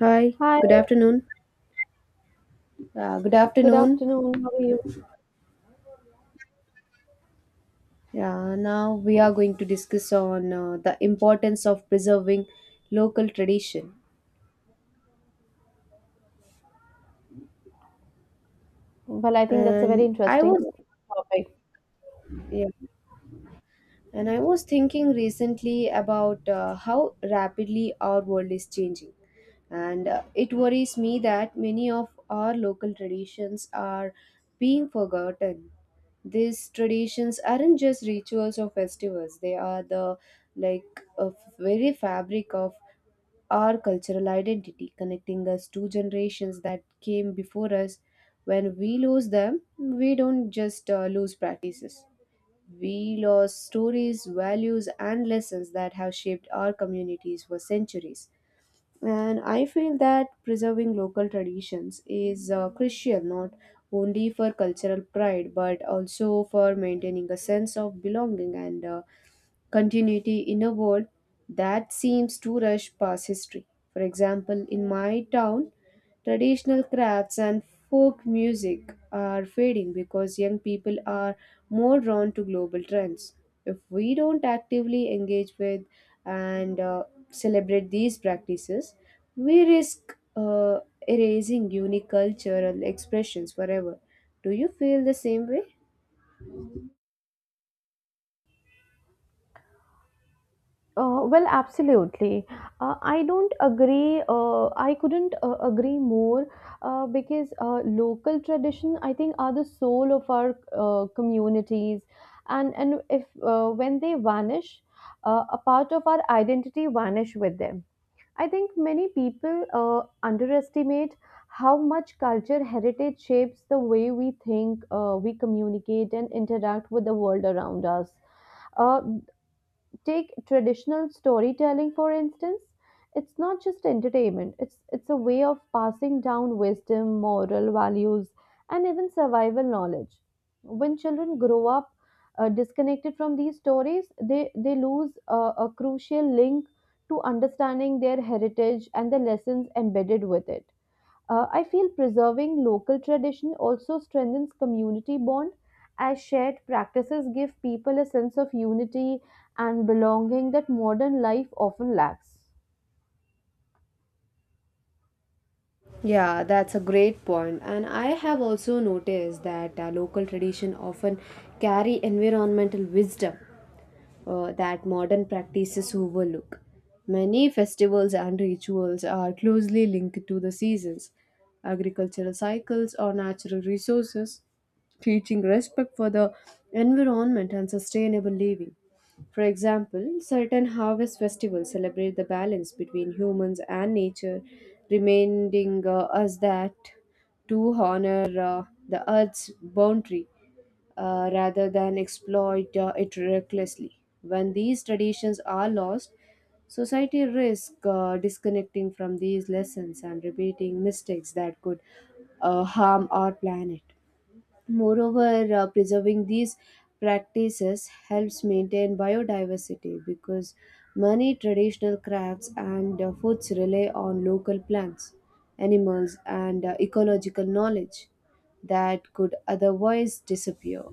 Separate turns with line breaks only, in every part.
Hi,
Hi,
good afternoon. Good
good
afternoon.
afternoon. How are you?
Yeah, now we are going to discuss on the importance of preserving local tradition.
Well, I think that's a very
And I
interesting
was
topic.
yeah, and I was thinking recently about how rapidly our world is changing, and it worries me that many of our local traditions are being forgotten. These traditions aren't just rituals or festivals; they are the like a very fabric of our cultural identity, connecting us to generations that came before us. When we lose them, we don't just lose practices. We lose stories, values, and lessons that have shaped our communities for centuries. And I feel that preserving local traditions is crucial not only for cultural pride but also for maintaining a sense of belonging and continuity in a world that seems to rush past history. For example, in my town, traditional crafts and folk music are fading because young people are more drawn to global trends. If we don't actively engage with and celebrate these practices, we risk erasing unique cultural expressions forever. Do you feel the same way?
Well, absolutely. I don't agree. I couldn't agree more because local tradition, I think, are the soul of our communities, and if when they vanish, a part of our identity vanish with them. I think many people underestimate how much culture heritage shapes the way we think, we communicate, and interact with the world around us. Uh, Take traditional storytelling for instance, it's not just entertainment, it's a way of passing down wisdom, moral values, and even survival knowledge. When children grow up, disconnected from these stories, they lose a crucial link to understanding their heritage and the lessons embedded with it. I feel preserving local tradition also strengthens community bond, as shared practices give people a sense of unity and belonging that modern life often lacks.
Yeah, that's a great point. And I have also noticed that local tradition often carry environmental wisdom that modern practices overlook. Many festivals and rituals are closely linked to the seasons, agricultural cycles, or natural resources, teaching respect for the environment and sustainable living. For example, certain harvest festivals celebrate the balance between humans and nature, reminding us that to honor the earth's boundary rather than exploit it recklessly. When these traditions are lost, society risks disconnecting from these lessons and repeating mistakes that could harm our planet. Moreover, preserving these practices helps maintain biodiversity because many traditional crafts and foods rely on local plants, animals, and ecological knowledge that could otherwise disappear.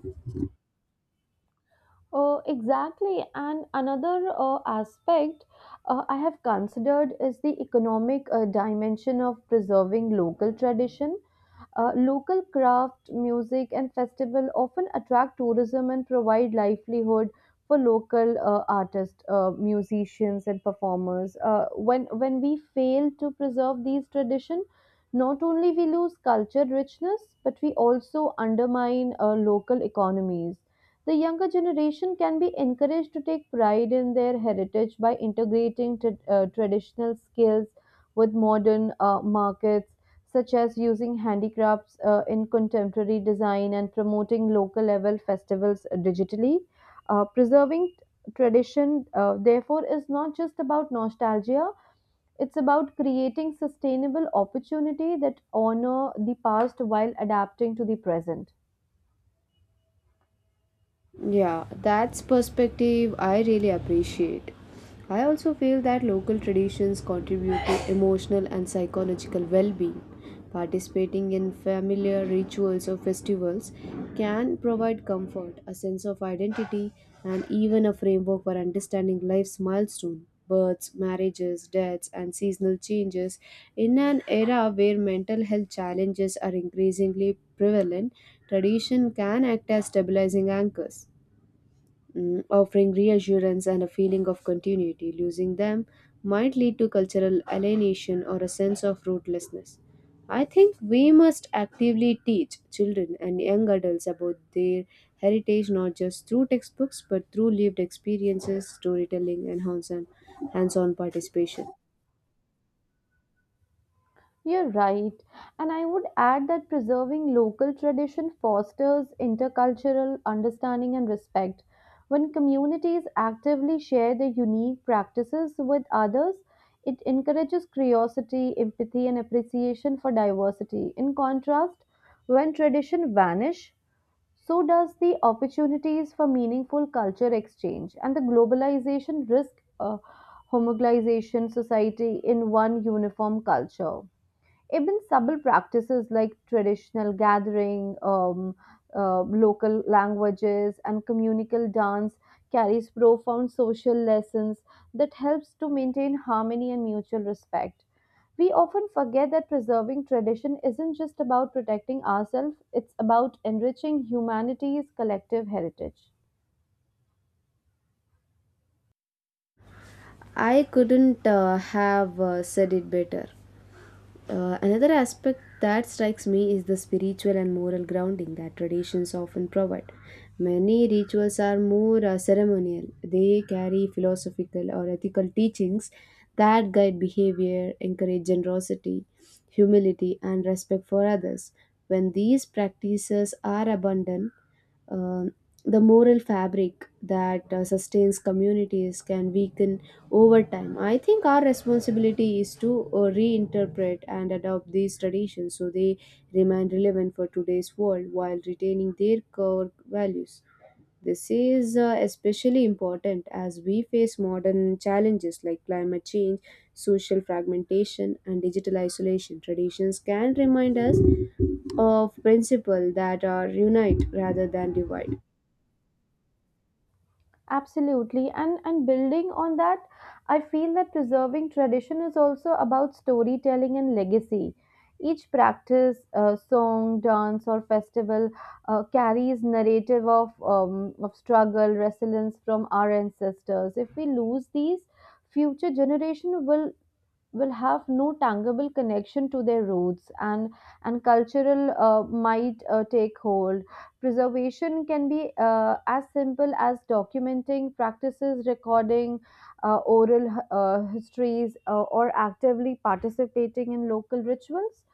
Exactly. And another aspect I have considered is the economic dimension of preserving local tradition. Local craft, music, and festival often attract tourism and provide livelihood for local artists, musicians, and performers. When we fail to preserve these tradition, not only we lose culture richness, but we also undermine local economies. The younger generation can be encouraged to take pride in their heritage by integrating traditional skills with modern markets, such as using handicrafts in contemporary design and promoting local level festivals digitally. Preserving tradition, therefore, is not just about nostalgia. It's about creating sustainable opportunity that honor the past while adapting to the present.
Yeah, that's perspective I really appreciate. I also feel that local traditions contribute to emotional and psychological well being. Participating in familiar rituals or festivals can provide comfort, a sense of identity, and even a framework for understanding life's milestones, births, marriages, deaths, and seasonal changes. In an era where mental health challenges are increasingly prevalent, tradition can act as stabilizing anchors offering reassurance and a feeling of continuity. Losing them might lead to cultural alienation or a sense of rootlessness. I think we must actively teach children and young adults about their heritage not just through textbooks but through lived experiences, storytelling, and hands on participation.
You're right. And I would add that preserving local tradition fosters intercultural understanding and respect. When communities actively share their unique practices with others, it encourages curiosity, empathy, and appreciation for diversity. In contrast, when tradition vanish, so does the opportunities for meaningful culture exchange, and the globalization risk homogenization society in one uniform culture. Even subtle practices like traditional gathering, local languages, and communal dance carries profound social lessons that helps to maintain harmony and mutual respect. We often forget that preserving tradition isn't just about protecting ourselves; it's about enriching humanity's collective heritage.
I couldn't have said it better. Another aspect that strikes me is the spiritual and moral grounding that traditions often provide. Many rituals are more ceremonial, they carry philosophical or ethical teachings that guide behavior, encourage generosity, humility, and respect for others. When these practices are abundant, um the moral fabric that sustains communities can weaken over time. I think our responsibility is to reinterpret and adopt these traditions so they remain relevant for today's world while retaining their core values. This is especially important as we face modern challenges like climate change, social fragmentation, and digital isolation. Traditions can remind us of principles that are unite rather than divide.
Absolutely. And building on that, I feel that preserving tradition is also about storytelling and legacy. Each practice, song, dance, or festival carries narrative of struggle, resilience from our ancestors. If we lose these, future generation will have no tangible connection to their roots, and cultural might take hold. Preservation can be as simple as documenting practices, recording oral histories, or actively participating in local rituals,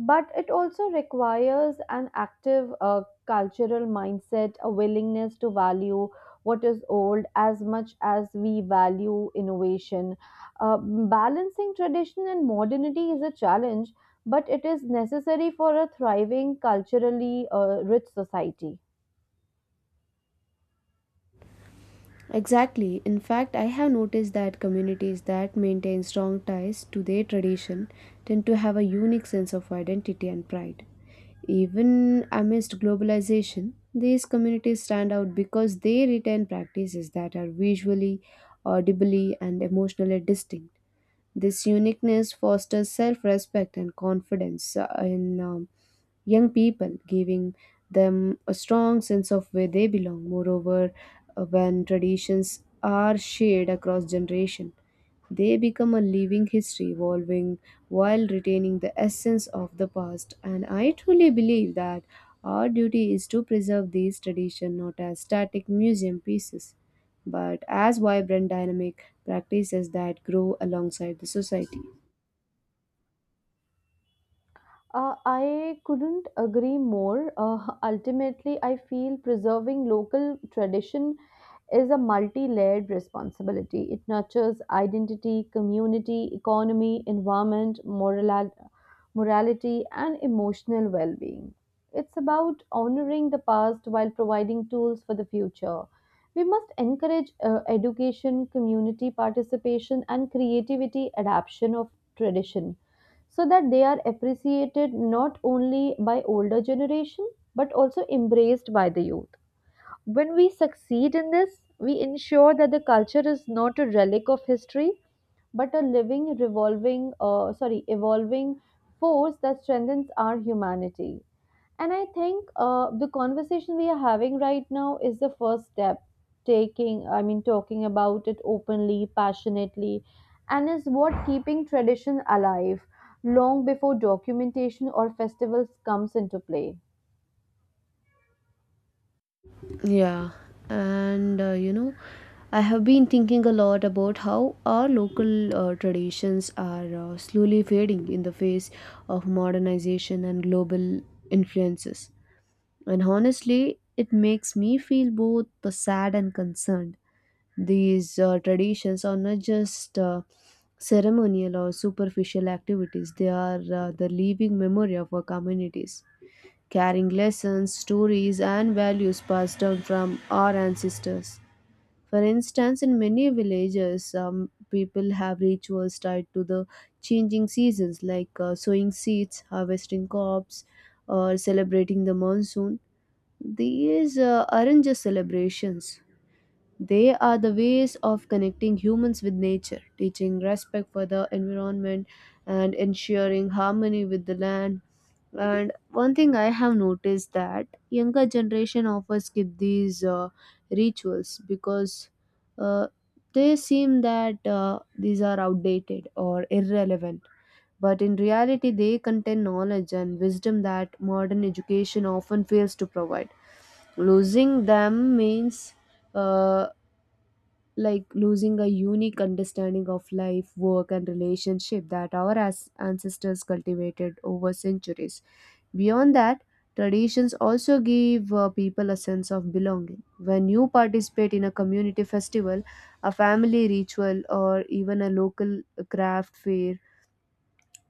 but it also requires an active cultural mindset, a willingness to value what is old as much as we value innovation. Balancing tradition and modernity is a challenge, but it is necessary for a thriving, culturally rich society.
Exactly. In fact, I have noticed that communities that maintain strong ties to their tradition tend to have a unique sense of identity and pride. Even amidst globalization, these communities stand out because they retain practices that are visually, audibly, and emotionally distinct. This uniqueness fosters self respect and confidence in young people, giving them a strong sense of where they belong. Moreover, when traditions are shared across generation, they become a living history, evolving while retaining the essence of the past. And I truly believe that our duty is to preserve these traditions not as static museum pieces but as vibrant, dynamic practices that grow alongside the society.
I couldn't agree more. Ultimately, I feel preserving local tradition is a multi layered responsibility. It nurtures identity, community, economy, environment, morality, and emotional well being. It's about honoring the past while providing tools for the future. We must encourage education, community participation, and creativity adaptation of tradition so that they are appreciated not only by older generation but also embraced by the youth. When we succeed in this, we ensure that the culture is not a relic of history, but a evolving force that strengthens our humanity. And I think the conversation we are having right now is the first step. Talking about it openly, passionately, and is what keeping tradition alive long before documentation or festivals comes into play.
Yeah, and I have been thinking a lot about how our local traditions are slowly fading in the face of modernization and global influences. And honestly, it makes me feel both sad and concerned. These traditions are not just ceremonial or superficial activities, they are the living memory of our communities, carrying lessons, stories, and values passed down from our ancestors. For instance, in many villages, people have rituals tied to the changing seasons like sowing seeds, harvesting crops, or celebrating the monsoon. These aren't just celebrations, they are the ways of connecting humans with nature, teaching respect for the environment and ensuring harmony with the land. And one thing I have noticed that younger generation often skip these rituals because uh, they seem that these are outdated or irrelevant. But in reality, they contain knowledge and wisdom that modern education often fails to provide losing them means uh, like losing a unique understanding of life, work, and relationship that our ancestors cultivated over centuries. Beyond that, traditions also give people a sense of belonging. When you participate in a community festival, a family ritual, or even a local craft fair,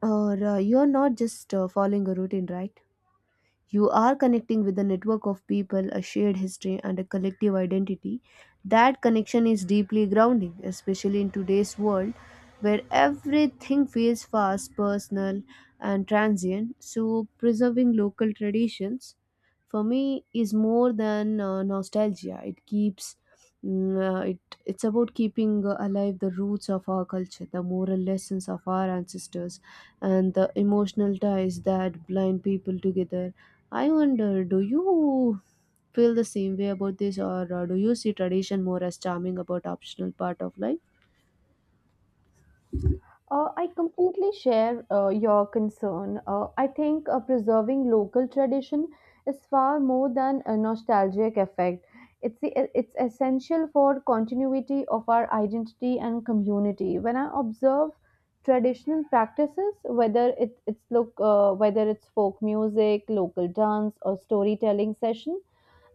or you're not just following a routine, right? You are connecting with a network of people, a shared history, and a collective identity. That connection is deeply grounding, especially in today's world where everything feels fast, personal, and transient. So, preserving local traditions for me is more than nostalgia. It keeps Mm, it, it's about keeping alive the roots of our culture, the moral lessons of our ancestors, and the emotional ties that blind people together. I wonder, do you feel the same way about this, or do you see tradition more as charming about optional part of life?
I completely share your concern. I think preserving local tradition is far more than a nostalgic effect. It's, the, it's essential for continuity of our identity and community. When I observe traditional practices, whether it's folk music, local dance, or storytelling session,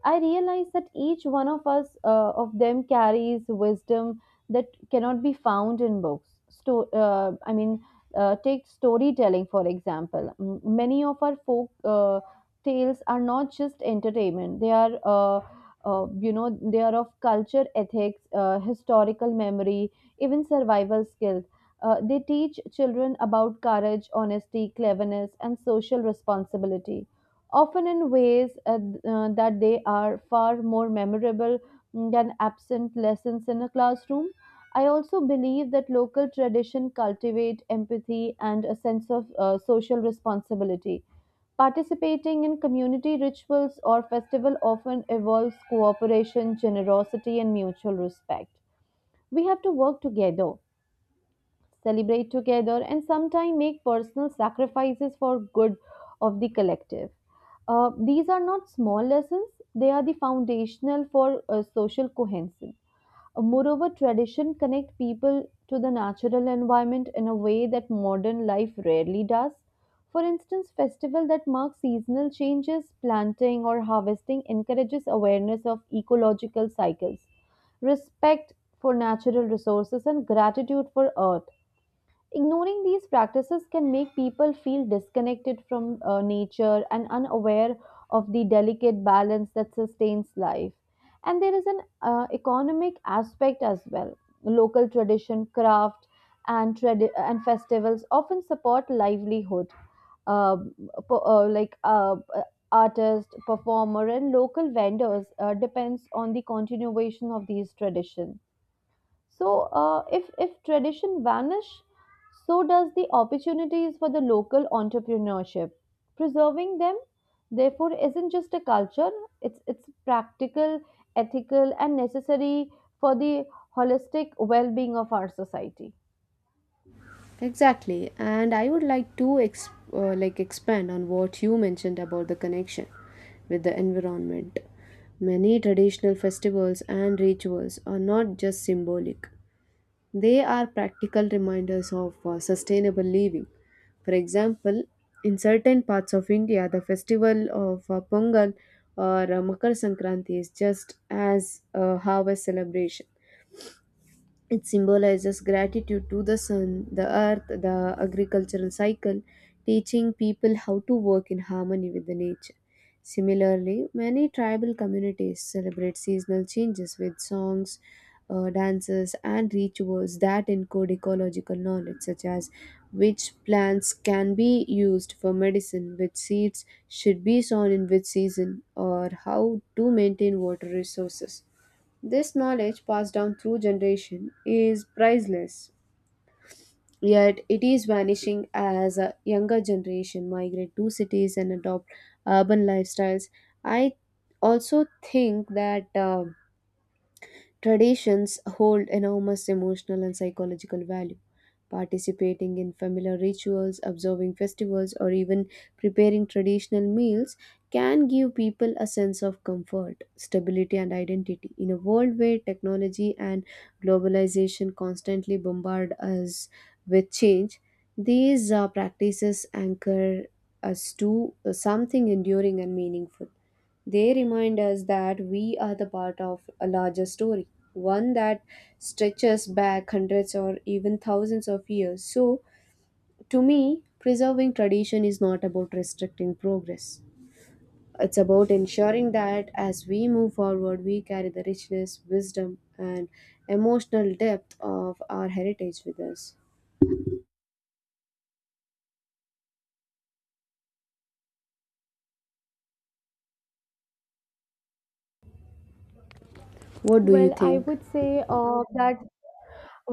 I realize that each one of us of them carries wisdom that cannot be found in books. Take storytelling for example. Many of our folk tales are not just entertainment; they are, they are of culture, ethics, historical memory, even survival skills. They teach children about courage, honesty, cleverness, and social responsibility, often in ways that they are far more memorable, than absent lessons in a classroom. I also believe that local tradition cultivate empathy and a sense of social responsibility. Participating in community rituals or festival often involves cooperation, generosity, and mutual respect. We have to work together, celebrate together, and sometimes make personal sacrifices for good of the collective. These are not small lessons, they are the foundational for social cohesion. Moreover, tradition connect people to the natural environment in a way that modern life rarely does. For instance, festival that mark seasonal changes, planting or harvesting, encourages awareness of ecological cycles, respect for natural resources and gratitude for earth. Ignoring these practices can make people feel disconnected from nature and unaware of the delicate balance that sustains life. And there is an economic aspect as well. Local tradition, craft, and and festivals often support livelihood, uh, po- uh, like uh, uh, artist, performer, and local vendors depends on the continuation of these traditions. So, if tradition vanish, so does the opportunities for the local entrepreneurship. Preserving them, therefore, isn't just a culture; it's practical, ethical, and necessary for the holistic well-being of our society.
Exactly, and I would like to like expand on what you mentioned about the connection with the environment. Many traditional festivals and rituals are not just symbolic; they are practical reminders of sustainable living. For example, in certain parts of India, the festival of Pongal or Makar Sankranti is just as a harvest celebration. It symbolizes gratitude to the sun, the earth, the agricultural cycle, teaching people how to work in harmony with the nature. Similarly, many tribal communities celebrate seasonal changes with songs, dances, and rituals that encode ecological knowledge, such as which plants can be used for medicine, which seeds should be sown in which season, or how to maintain water resources. This knowledge passed down through generation is priceless, yet it is vanishing as a younger generation migrate to cities and adopt urban lifestyles. I also think that traditions hold enormous emotional and psychological value. Participating in familiar rituals, observing festivals, or even preparing traditional meals can give people a sense of comfort, stability, and identity. In a world where technology and globalization constantly bombard us with change, these practices anchor us to something enduring and meaningful. They remind us that we are the part of a larger story, one that stretches back hundreds or even thousands of years. So, to me, preserving tradition is not about restricting progress. It's about ensuring that as we move forward, we carry the richness, wisdom, and emotional depth of our heritage with us. What do you
Well, I
think?
would say uh, that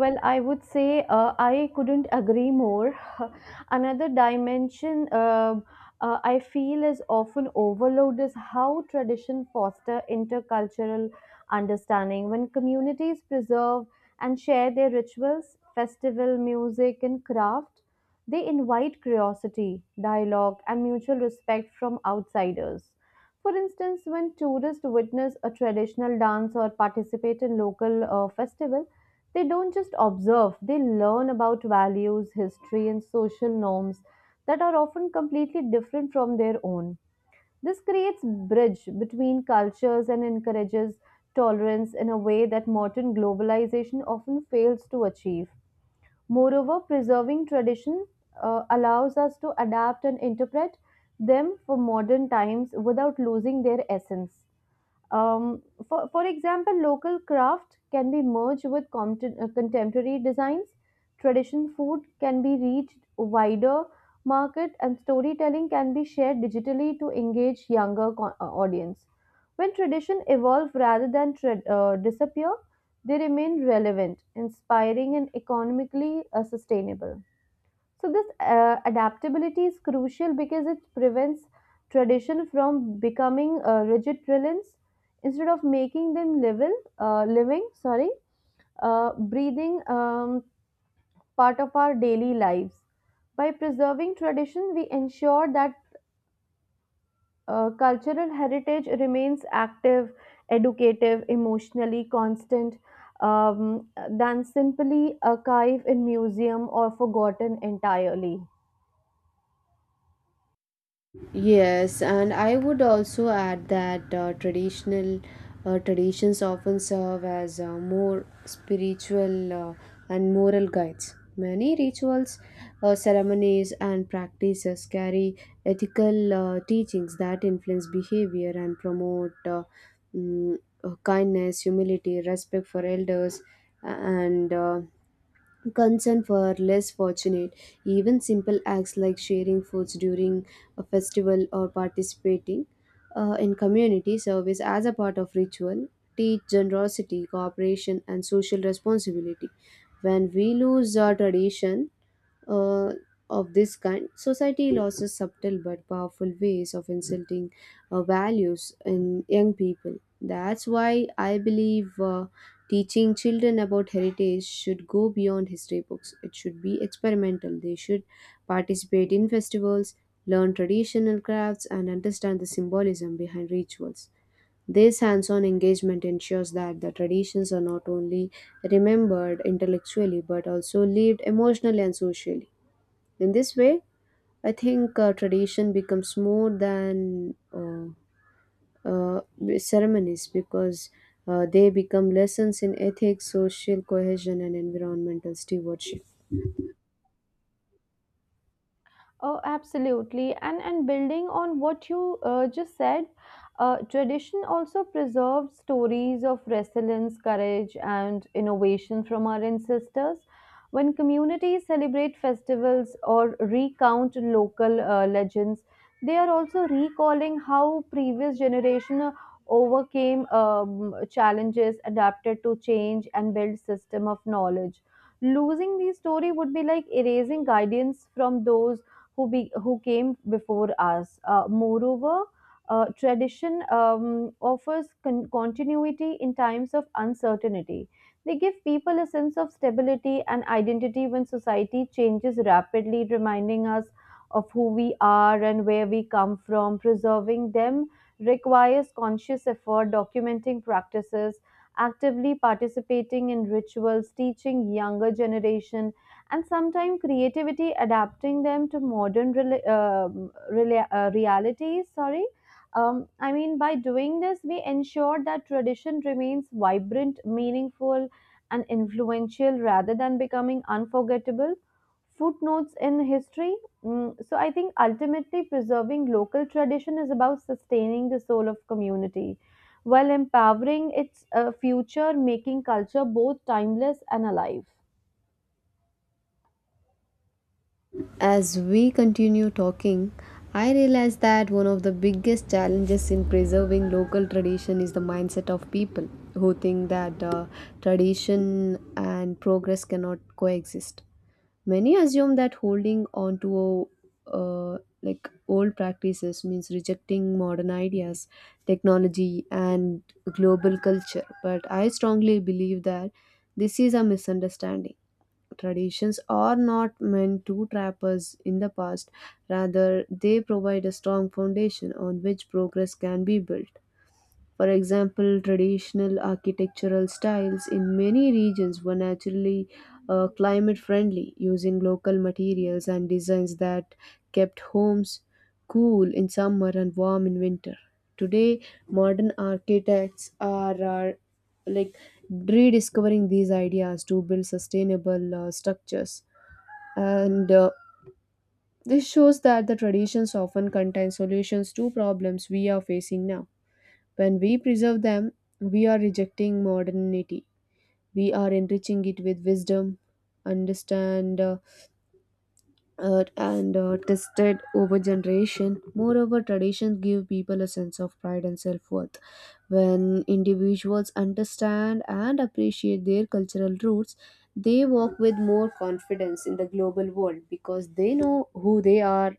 Well, I would say I couldn't agree more. Another dimension I feel is often overlooked is how tradition foster intercultural understanding. When communities preserve and share their rituals, festival, music, and craft, they invite curiosity, dialogue, and mutual respect from outsiders. For instance, when tourists witness a traditional dance or participate in local festival, they don't just observe, they learn about values, history, and social norms that are often completely different from their own. This creates bridge between cultures and encourages tolerance in a way that modern globalization often fails to achieve. Moreover, preserving tradition allows us to adapt and interpret them for modern times without losing their essence. Um, for example, local craft can be merged with contemporary designs. Traditional food can be reached wider market, and storytelling can be shared digitally to engage audience. When tradition evolve rather than disappear, they remain relevant, inspiring, and economically sustainable. So this adaptability is crucial because it prevents tradition from becoming rigid reliance. Instead of making them breathing part of our daily lives. By preserving tradition, we ensure that cultural heritage remains active, educative, emotionally constant, um, than simply archive in museum or forgotten entirely.
Yes, and I would also add that traditional traditions often serve as more spiritual and moral guides. Many rituals, ceremonies, and practices carry ethical teachings that influence behavior and promote mm, kindness, humility, respect for elders, and concern for less fortunate even simple acts like sharing foods during a festival or participating in community service as a part of ritual teach generosity cooperation and social responsibility when we lose our tradition uh, of this kind, society loses subtle but powerful ways of insulting values in young people. That's why I believe teaching children about heritage should go beyond history books. It should be experimental. They should participate in festivals, learn traditional crafts, and understand the symbolism behind rituals. This hands on engagement ensures that the traditions are not only remembered intellectually but also lived emotionally and socially. In this way, I think tradition becomes more than uh, ceremonies because they become lessons in ethics, social cohesion, and environmental stewardship.
Oh, absolutely. And building on what you just said, tradition also preserves stories of resilience, courage, and innovation from our ancestors. When communities celebrate festivals or recount local legends, they are also recalling how previous generation overcame challenges, adapted to change, and built system of knowledge. Losing these story would be like erasing guidance from those who came before us. Moreover, tradition offers continuity in times of uncertainty. They give people a sense of stability and identity when society changes rapidly, reminding us of who we are and where we come from. Preserving them requires conscious effort, documenting practices, actively participating in rituals, teaching younger generation, and sometimes creativity adapting them to modern realities. Sorry I mean By doing this, we ensure that tradition remains vibrant, meaningful, and influential rather than becoming unforgettable footnotes in history. So I think ultimately preserving local tradition is about sustaining the soul of community while empowering its future, making culture both timeless and alive.
As we continue talking, I realize that one of the biggest challenges in preserving local tradition is the mindset of people who think that tradition and progress cannot coexist. Many assume that holding on to like old practices means rejecting modern ideas, technology, and global culture. But I strongly believe that this is a misunderstanding. Traditions are not meant to trap us in the past, rather, they provide a strong foundation on which progress can be built. For example, traditional architectural styles in many regions were naturally climate friendly, using local materials and designs that kept homes cool in summer and warm in winter. Today, modern architects are like rediscovering these ideas to build sustainable structures. And this shows that the traditions often contain solutions to problems we are facing now. When we preserve them, we are rejecting modernity. We are enriching it with wisdom, understand, uh, and tested over generation. Moreover, traditions give people a sense of pride and self-worth. When individuals understand and appreciate their cultural roots, they walk with more confidence in the global world because they know who they are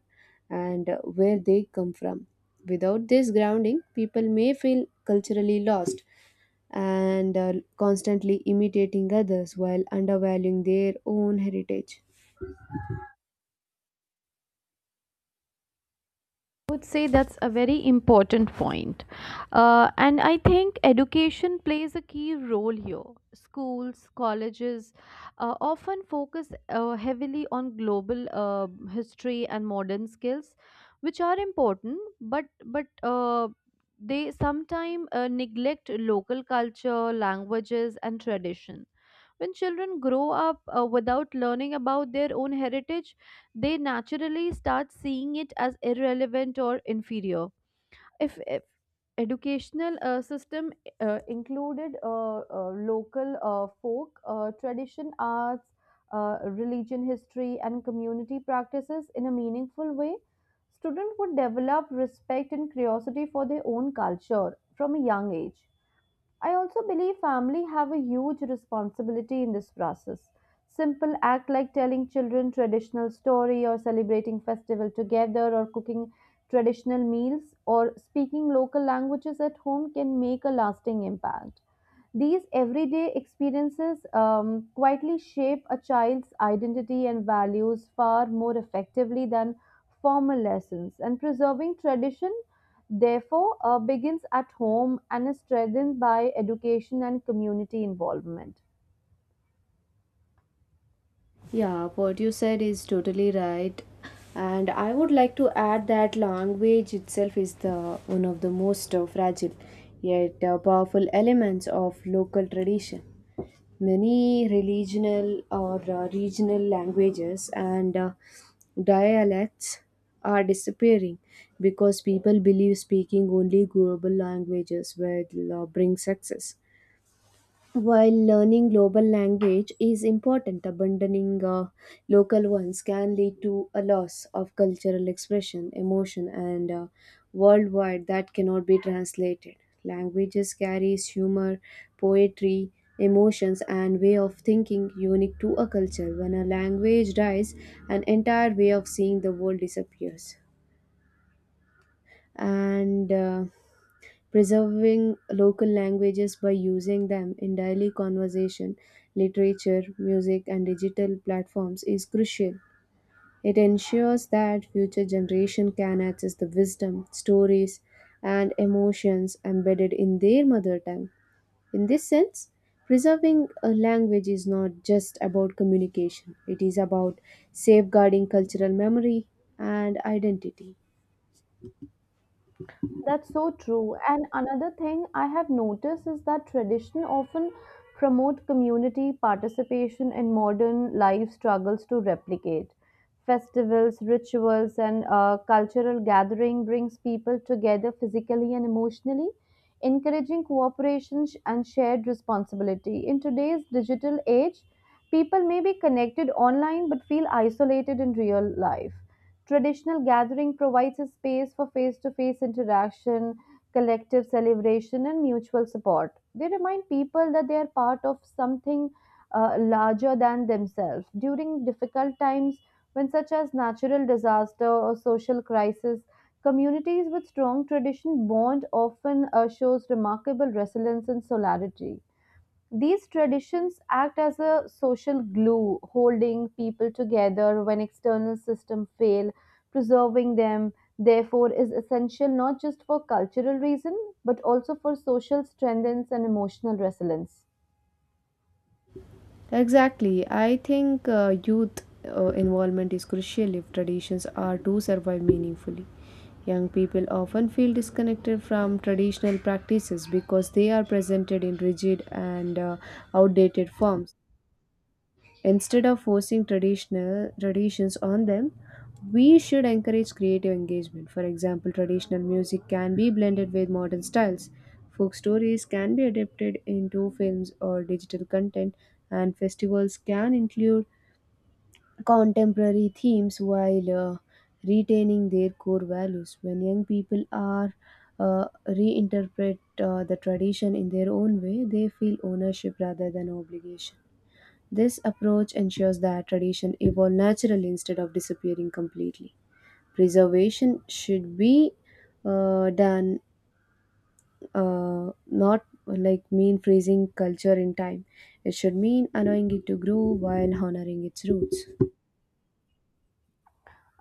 and where they come from. Without this grounding, people may feel culturally lost and constantly imitating others while undervaluing their own heritage.
Would say that's a very important point. And I think education plays a key role here. Schools, colleges often focus heavily on global history and modern skills, which are important, but they sometimes neglect local culture, languages, and tradition. When children grow up without learning about their own heritage, they naturally start seeing it as irrelevant or inferior. If educational system included local folk tradition, arts, religion, history, and community practices in a meaningful way, students would develop respect and curiosity for their own culture from a young age. I also believe family have a huge responsibility in this process. Simple act like telling children traditional story, or celebrating festival together, or cooking traditional meals, or speaking local languages at home can make a lasting impact. These everyday experiences quietly shape a child's identity and values far more effectively than formal lessons. And preserving tradition, therefore, begins at home and is strengthened by education and community involvement.
Yeah, what you said is totally right. And I would like to add that language itself is the one of the most fragile yet powerful elements of local tradition. Many regional languages and dialects are disappearing because people believe speaking only global languages will bring success. While learning global language is important, abandoning local ones can lead to a loss of cultural expression, emotion, and worldwide that cannot be translated. Languages carries humor, poetry, emotions, and way of thinking unique to a culture. When a language dies, an entire way of seeing the world disappears. And preserving local languages by using them in daily conversation, literature, music, and digital platforms is crucial. It ensures that future generations can access the wisdom, stories, and emotions embedded in their mother tongue. In this sense, preserving a language is not just about communication, it is about safeguarding cultural memory and identity.
That's so true. And another thing I have noticed is that tradition often promote community participation in modern life struggles to replicate. Festivals, rituals, and cultural gathering brings people together physically and emotionally, encouraging and shared responsibility. In today's digital age, people may be connected online but feel isolated in real life. Traditional gathering provides a space for face-to-face interaction, collective celebration, and mutual support. They remind people that they are part of something larger than themselves. During difficult times, when such as natural disaster or social crisis, communities with strong tradition bond often shows remarkable resilience and solidarity. These traditions act as a social glue, holding people together when external systems fail. Preserving them, therefore, is essential not just for cultural reason but also for social strength and emotional resilience.
Exactly. I think youth involvement is crucial if traditions are to survive meaningfully. Young people often feel disconnected from traditional practices because they are presented in rigid and outdated forms. Instead of forcing traditional traditions on them, we should encourage creative engagement. For example, traditional music can be blended with modern styles. Folk stories can be adapted into films or digital content, and festivals can include contemporary themes while retaining their core values. When young people are reinterpret the tradition in their own way, they feel ownership rather than obligation. This approach ensures that tradition evolve naturally instead of disappearing completely. Preservation should be done not like mean freezing culture in time. It should mean allowing it to grow while honoring its roots.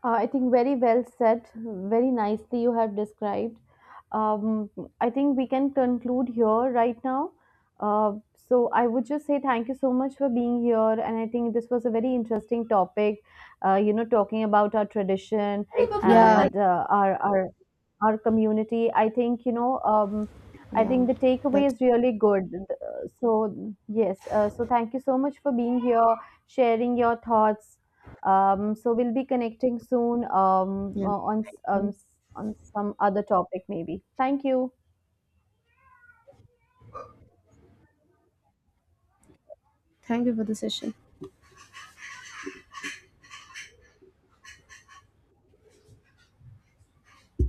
I think very well said, very nicely you have described. Um, I think we can conclude here right now. So I would just say thank you so much for being here, and I think this was a very interesting topic. Talking about our tradition
Yeah,
and our community. I think you know. I
yeah,
think the takeaway
that's
is really good. Uh, So yes, so thank you so much for being here, sharing your thoughts, so we'll be connecting soon
yeah.
on some other topic maybe. Thank you.
Thank you for the session.